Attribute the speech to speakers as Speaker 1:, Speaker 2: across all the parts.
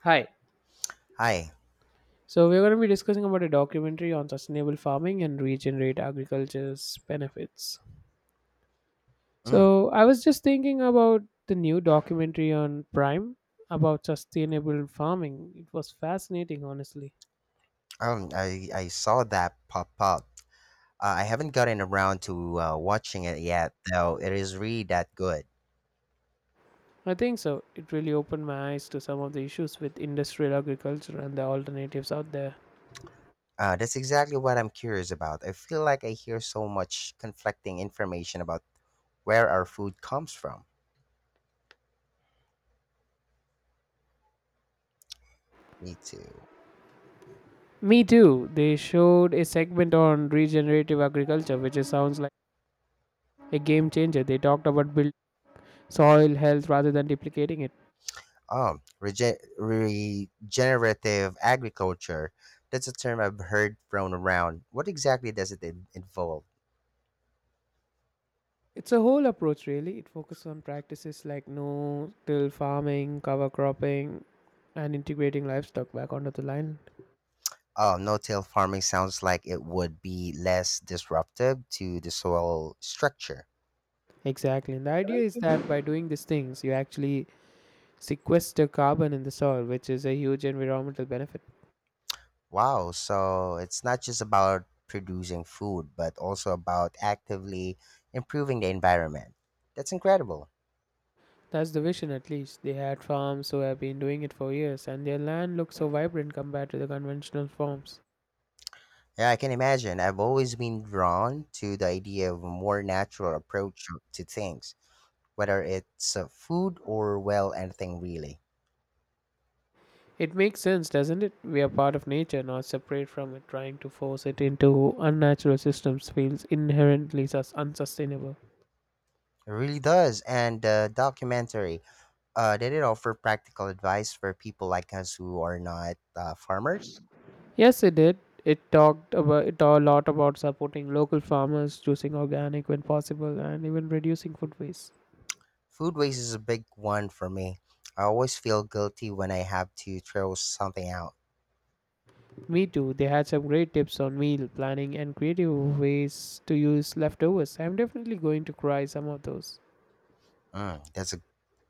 Speaker 1: Hi.
Speaker 2: Hi.
Speaker 1: So we're going to be discussing about a documentary on sustainable farming and regenerate agriculture's benefits.
Speaker 2: Mm.
Speaker 1: So I was just thinking about the new documentary on Prime about sustainable farming. It was fascinating, honestly.
Speaker 2: I saw that pop up. I haven't gotten around to watching it yet, though it is really that good.
Speaker 1: I think so. It really opened my eyes to some of the issues with industrial agriculture and the alternatives out there.
Speaker 2: That's exactly what I'm curious about. I feel like I hear so much conflicting information about where our food comes from. Me too.
Speaker 1: Me too. They showed a segment on regenerative agriculture, sounds like a game changer. They talked about build soil health rather than duplicating it.
Speaker 2: Regenerative agriculture. That's a term I've heard thrown around. What exactly does involve?
Speaker 1: It's a whole approach, really. It focuses on practices like no till farming, cover cropping, and integrating livestock back onto the land.
Speaker 2: Oh, no-till farming sounds like it would be less disruptive to the soil structure.
Speaker 1: Exactly. And the idea is that by doing these things, you actually sequester carbon in the soil, which is a huge environmental benefit.
Speaker 2: Wow, so it's not just about producing food, but also about actively improving the environment. That's incredible.
Speaker 1: That's the vision, at least. They had farms who have been doing it for years, and their land looks so vibrant compared to the conventional farms.
Speaker 2: Yeah, I can imagine. I've always been drawn to the idea of a more natural approach to things, whether it's food or, well, anything really.
Speaker 1: It makes sense, doesn't it? We are part of nature, not separate from it. Trying to force it into unnatural systems feels inherently unsustainable.
Speaker 2: It really does. And the documentary. Did it offer practical advice for people like us who are not farmers?
Speaker 1: Yes, it did. It talked about it a lot about supporting local farmers, choosing organic when possible, and even reducing food waste.
Speaker 2: Food waste is a big one for me. I always feel guilty when I have to throw something out.
Speaker 1: Me too. They had some great tips on meal planning and creative ways to use leftovers. I'm definitely going to try some of those.
Speaker 2: Mm, that's a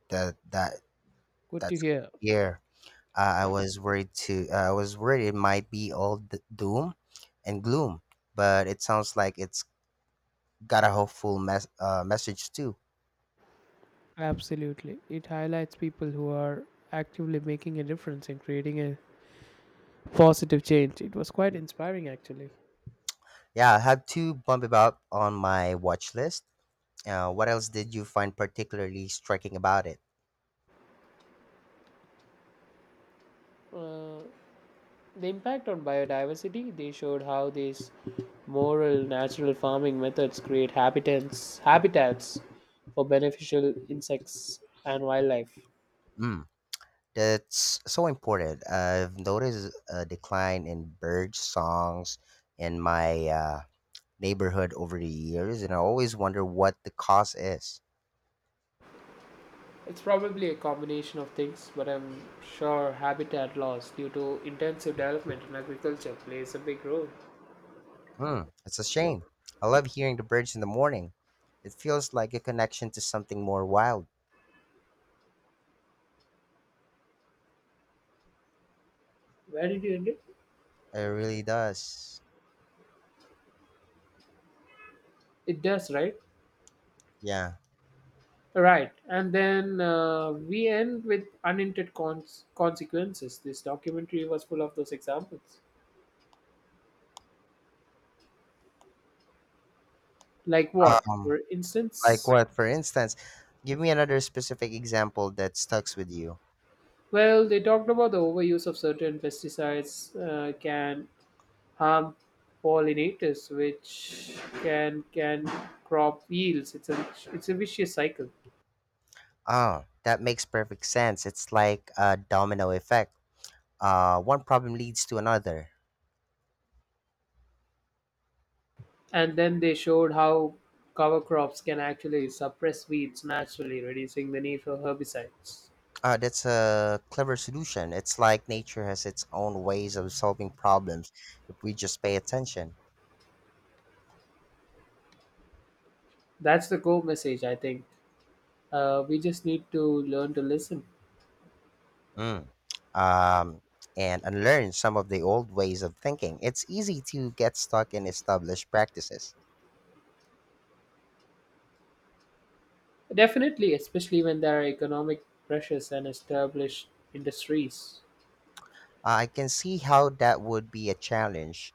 Speaker 2: that that
Speaker 1: Good to
Speaker 2: That's good.
Speaker 1: hear.
Speaker 2: Yeah, I was worried too. I was worried it might be all doom and gloom, but it sounds like it's got a hopeful message too.
Speaker 1: Absolutely. It highlights people who are actively making a difference in creating a positive change. It was quite inspiring actually.
Speaker 2: Yeah, I have to bump it up on my watch list. What else did you find particularly striking about it?
Speaker 1: Uh, the impact on biodiversity, they showed how these moral natural farming methods create habitats for beneficial insects and wildlife.
Speaker 2: Mm. That's so important. I've noticed a decline in bird songs in my neighborhood over the years, and I always wonder what the cause is.
Speaker 1: It's probably a combination of things, but I'm sure habitat loss due to intensive development in agriculture plays a big role.
Speaker 2: Hmm, it's a shame. I love hearing the birds in the morning. It feels like a connection to something more wild.
Speaker 1: Where did you end it?
Speaker 2: It really does.
Speaker 1: It does, right?
Speaker 2: Yeah.
Speaker 1: Right, and then we end with unintended consequences. This documentary was full of those examples. Like what,
Speaker 2: Um,
Speaker 1: for
Speaker 2: like
Speaker 1: instance?
Speaker 2: what, for instance? Give me another specific example that stucks with you.
Speaker 1: Well, they talked about the overuse of certain pesticides can harm pollinators, which can crop yields. It's a vicious cycle.
Speaker 2: Oh, that makes perfect sense. It's like a domino effect, one problem leads to another.
Speaker 1: And then they showed how cover crops can actually suppress weeds naturally, reducing the need for herbicides.
Speaker 2: That's a clever solution. It's like nature has its own ways of solving problems if we just pay attention.
Speaker 1: That's the core message, I think. We just need to learn to listen.
Speaker 2: Mm. um, and unlearn some of the old ways of thinking. It's easy to get stuck in established practices.
Speaker 1: Definitely, especially when there are economic pressures and established industries.
Speaker 2: I can see how that would be a challenge.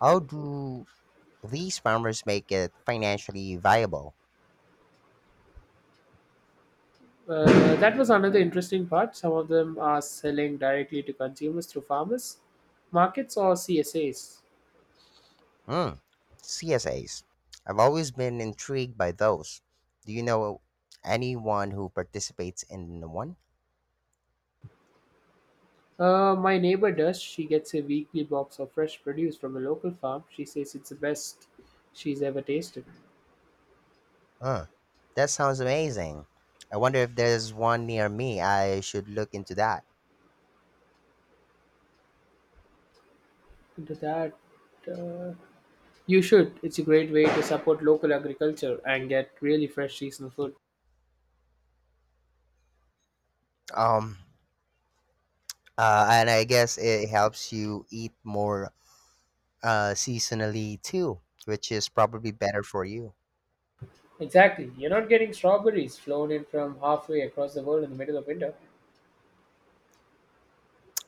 Speaker 2: How do these farmers make it financially viable?
Speaker 1: That was another interesting part. Some of them are selling directly to consumers through farmers, markets, or CSAs.
Speaker 2: Mm. CSAs. I've always been intrigued by those. Do you know anyone who participates in one?
Speaker 1: My neighbor does. She gets a weekly box of fresh produce from a local farm. She says it's the best she's ever tasted.
Speaker 2: Uh, that sounds amazing. I wonder if there's one near me. I should look into that.
Speaker 1: Into that, uh, you should. It's a great way to support local agriculture and get really fresh seasonal food.
Speaker 2: Um, and I guess it helps you eat more seasonally too, which is probably better for you.
Speaker 1: Exactly. You're not getting strawberries flown in from halfway across the world in the middle of winter.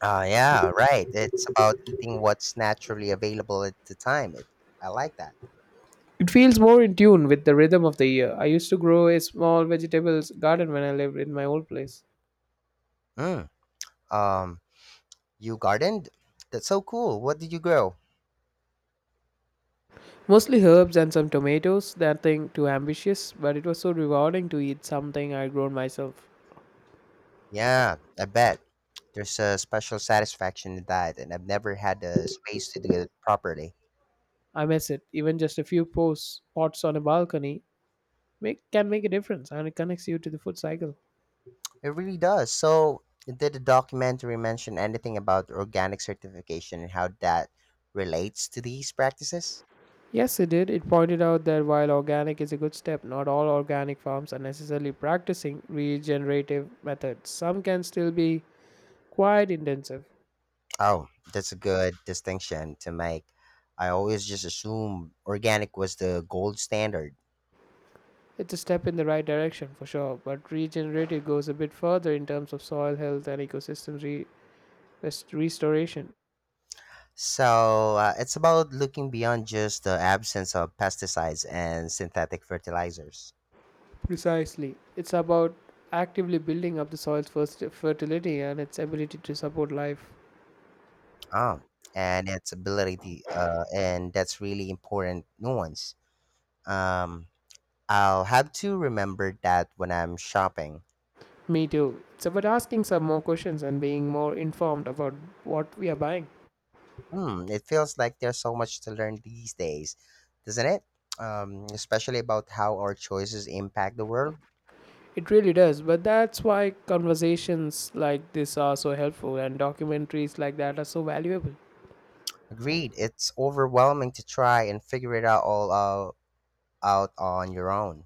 Speaker 2: Yeah, right. It's about eating what's naturally available at the time. I like that.
Speaker 1: It feels more in tune with the rhythm of the year. I used to grow a small vegetables garden when I lived in my old place.
Speaker 2: Mm. Um, You gardened? That's so cool. What did you grow?
Speaker 1: Mostly herbs and some tomatoes, nothing too ambitious, but it was so rewarding to eat something I'd grown myself.
Speaker 2: Yeah, I bet. There's a special satisfaction in that, and I've never had the space to do it properly.
Speaker 1: I miss it. Even just a few pots on a balcony can make a difference and it connects you to the food cycle.
Speaker 2: It really does. So, did the documentary mention anything about organic certification and how that relates to these practices?
Speaker 1: Yes, it did. It pointed out that while organic is a good step, not all organic farms are necessarily practicing regenerative methods. Some can still be quite intensive.
Speaker 2: Oh, that's a good distinction to make. I always just assumed organic was the gold standard.
Speaker 1: It's a step in the right direction for sure, but regenerative goes a bit further in terms of soil health and ecosystem restoration.
Speaker 2: So it's about looking beyond just the absence of pesticides and synthetic fertilizers.
Speaker 1: Precisely. It's about actively building up the soil's first fertility and its ability to support life.
Speaker 2: Um, and that's really important nuance. Um, I'll have to remember that when I'm shopping.
Speaker 1: Me too. It's about asking some more questions and being more informed about what we are buying.
Speaker 2: Hmm, it feels like there's so much to learn these days, doesn't it? Especially about how our choices impact the world.
Speaker 1: It really does, but that's why conversations like this are so helpful and documentaries like that are so valuable.
Speaker 2: Agreed. It's overwhelming to try and figure it out all out, out on your own.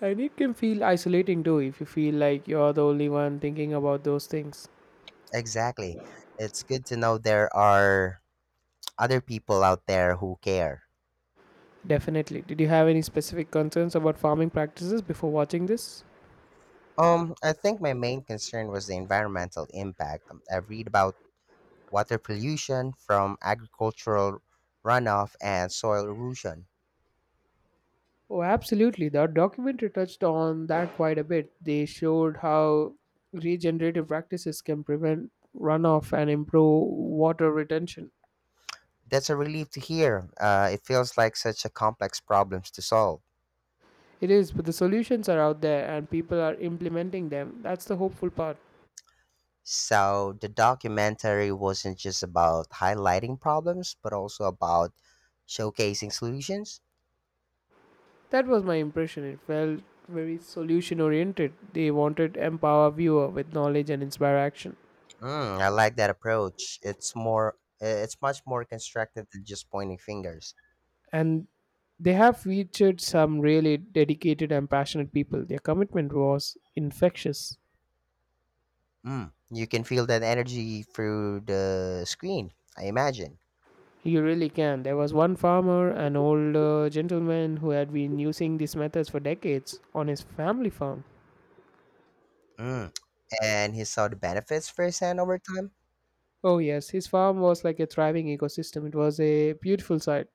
Speaker 1: And it can feel isolating too if you feel like you're the only one thinking about those things.
Speaker 2: Exactly. It's good to know there are other people out there who care.
Speaker 1: Definitely. Did you have any specific concerns about farming practices before watching this?
Speaker 2: I think my main concern was the environmental impact. I read about water pollution from agricultural runoff and soil erosion.
Speaker 1: Oh, absolutely. The documentary touched on that quite a bit. They showed how regenerative practices can prevent runoff and improve water retention.
Speaker 2: That's a relief to hear. It feels like such a complex problems to solve.
Speaker 1: It is, but the solutions are out there and people are implementing them. That's the hopeful part.
Speaker 2: So the documentary wasn't just about highlighting problems, but also about showcasing solutions.
Speaker 1: That was my impression. It felt very solution oriented. They wanted to empower viewer with knowledge and inspire action.
Speaker 2: Mm, I like that approach. It's much more constructive than just pointing fingers.
Speaker 1: And they have featured some really dedicated and passionate people. Their commitment was infectious.
Speaker 2: Mm, you can feel that energy through the screen, I imagine.
Speaker 1: You really can. There was one farmer, an older gentleman who had been using these methods for decades on his family farm.
Speaker 2: Mm, and he saw the benefits firsthand over time.
Speaker 1: Oh, yes, his farm was like a thriving ecosystem. It was a beautiful sight.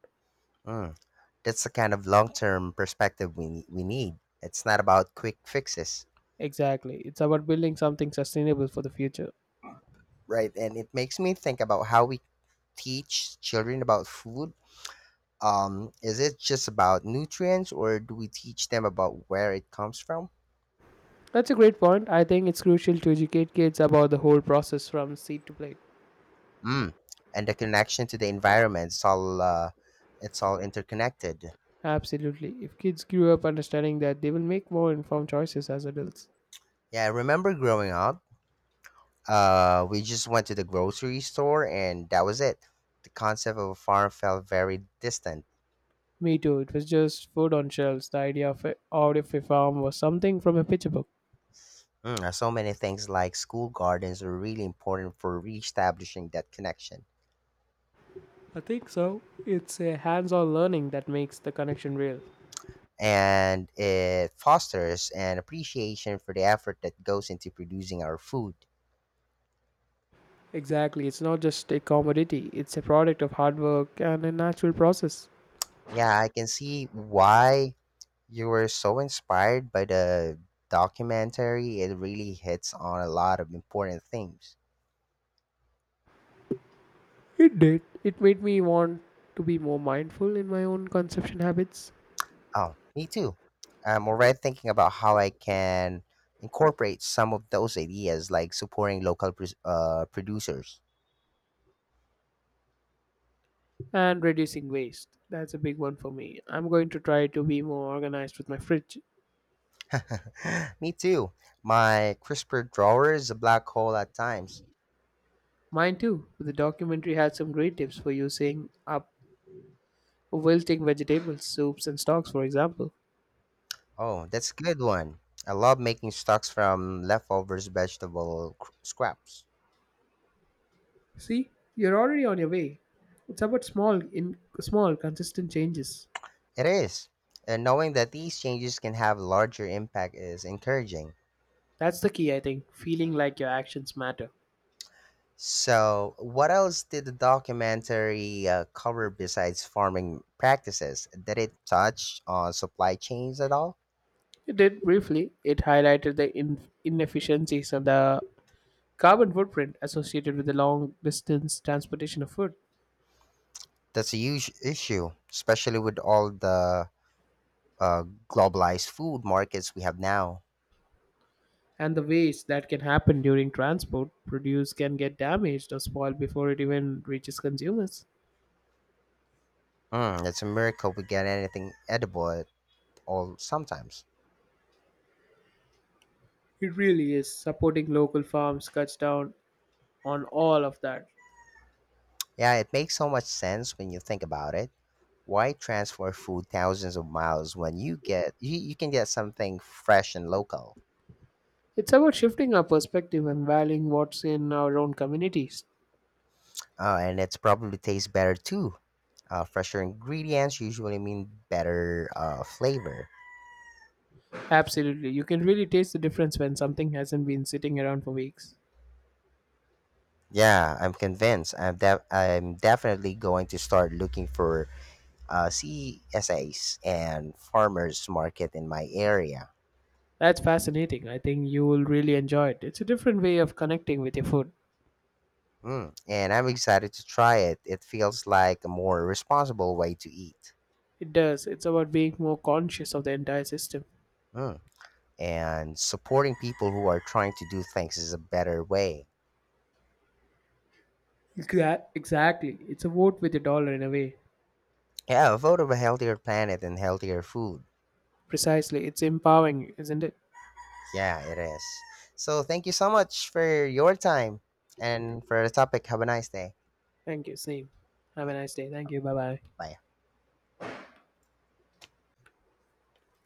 Speaker 2: Mm, that's the kind of long-term perspective we need. It's not about quick fixes,
Speaker 1: Exactly. It's about building something sustainable for the future.
Speaker 2: right? And it makes me think about how we teach children about food. Is it just about nutrients, or do we teach them about where it comes from?
Speaker 1: That's a great point. I think it's crucial to educate kids about the whole process from seed to plate.
Speaker 2: Mm. And the connection to the environment, it's all interconnected.
Speaker 1: Absolutely. If kids grew up understanding that, they will make more informed choices as adults.
Speaker 2: Yeah, I remember growing up, we just went to the grocery store and that was it. The concept of a farm felt very distant.
Speaker 1: Me too. It was just food on shelves. The idea of a out of a farm was something from a picture book.
Speaker 2: Mm, so many things like school gardens are really important for reestablishing that connection.
Speaker 1: I think so. It's a hands on learning that makes the connection real.
Speaker 2: And it fosters an appreciation for the effort that goes into producing our food.
Speaker 1: Exactly. It's not just a commodity, it's a product of hard work and a natural process.
Speaker 2: Yeah, I can see why you were so inspired by the documentary, it really hits on a lot of important themes.
Speaker 1: It did. It made me want to be more mindful in my own consumption habits
Speaker 2: Oh, me too. I'm already thinking about how I can incorporate some of those ideas, like supporting local producers.
Speaker 1: and reducing waste. That's a big one for me. I'm going to try to be more organized with my fridge.
Speaker 2: Me too. My CRISPR drawer is a black hole at times.
Speaker 1: Mine too. The documentary had some great tips for using up wilting vegetables, soups, and stocks, for example.
Speaker 2: Oh, that's a good one. I love making stocks from leftovers vegetable scraps.
Speaker 1: See, you're already on your way. It's about in small, consistent changes.
Speaker 2: It is. And knowing that these changes can have larger impact is encouraging.
Speaker 1: That's the key, I think. Feeling like your actions matter.
Speaker 2: So, what else did the documentary cover besides farming practices? Did it touch on supply chains at all?
Speaker 1: It did briefly. It highlighted the inefficiencies of the carbon footprint associated with the long distance transportation of food
Speaker 2: That's a huge issue, especially with all the uh, globalized food markets we have now.
Speaker 1: and the waste that can happen during transport produce can get damaged or spoiled before it even reaches consumers.
Speaker 2: Mm, it's a miracle we get anything edible at all sometimes.
Speaker 1: It really is. Supporting local farms cuts down on all of that.
Speaker 2: Yeah, it makes so much sense when you think about it. Why transfer food thousands of miles when you can get something fresh and local?
Speaker 1: It's about shifting our perspective and valuing what's in our own communities.
Speaker 2: And it's probably tastes better too. Fresher ingredients usually mean better flavor.
Speaker 1: Absolutely, you can really taste the difference when something hasn't been sitting around for weeks.
Speaker 2: Yeah, I'm convinced. I'm definitely going to start looking for CSAs and farmers market in my area.
Speaker 1: That's fascinating. I think you will really enjoy it. It's a different way of connecting with your food.
Speaker 2: Mm. And I'm excited to try it. It feels like a more responsible way to eat.
Speaker 1: It does. It's about being more conscious of the entire system.
Speaker 2: Mm. And supporting people who are trying to do things is a better way.
Speaker 1: Exactly. It's a vote with a dollar in a way.
Speaker 2: Yeah, a vote of a healthier planet and healthier food.
Speaker 1: Precisely. It's empowering you, isn't it?
Speaker 2: Yeah, it is. So thank you so much for your time and for the topic. Have a nice day.
Speaker 1: Thank you. Same. Have a nice day. Thank you. Bye bye.
Speaker 2: Bye.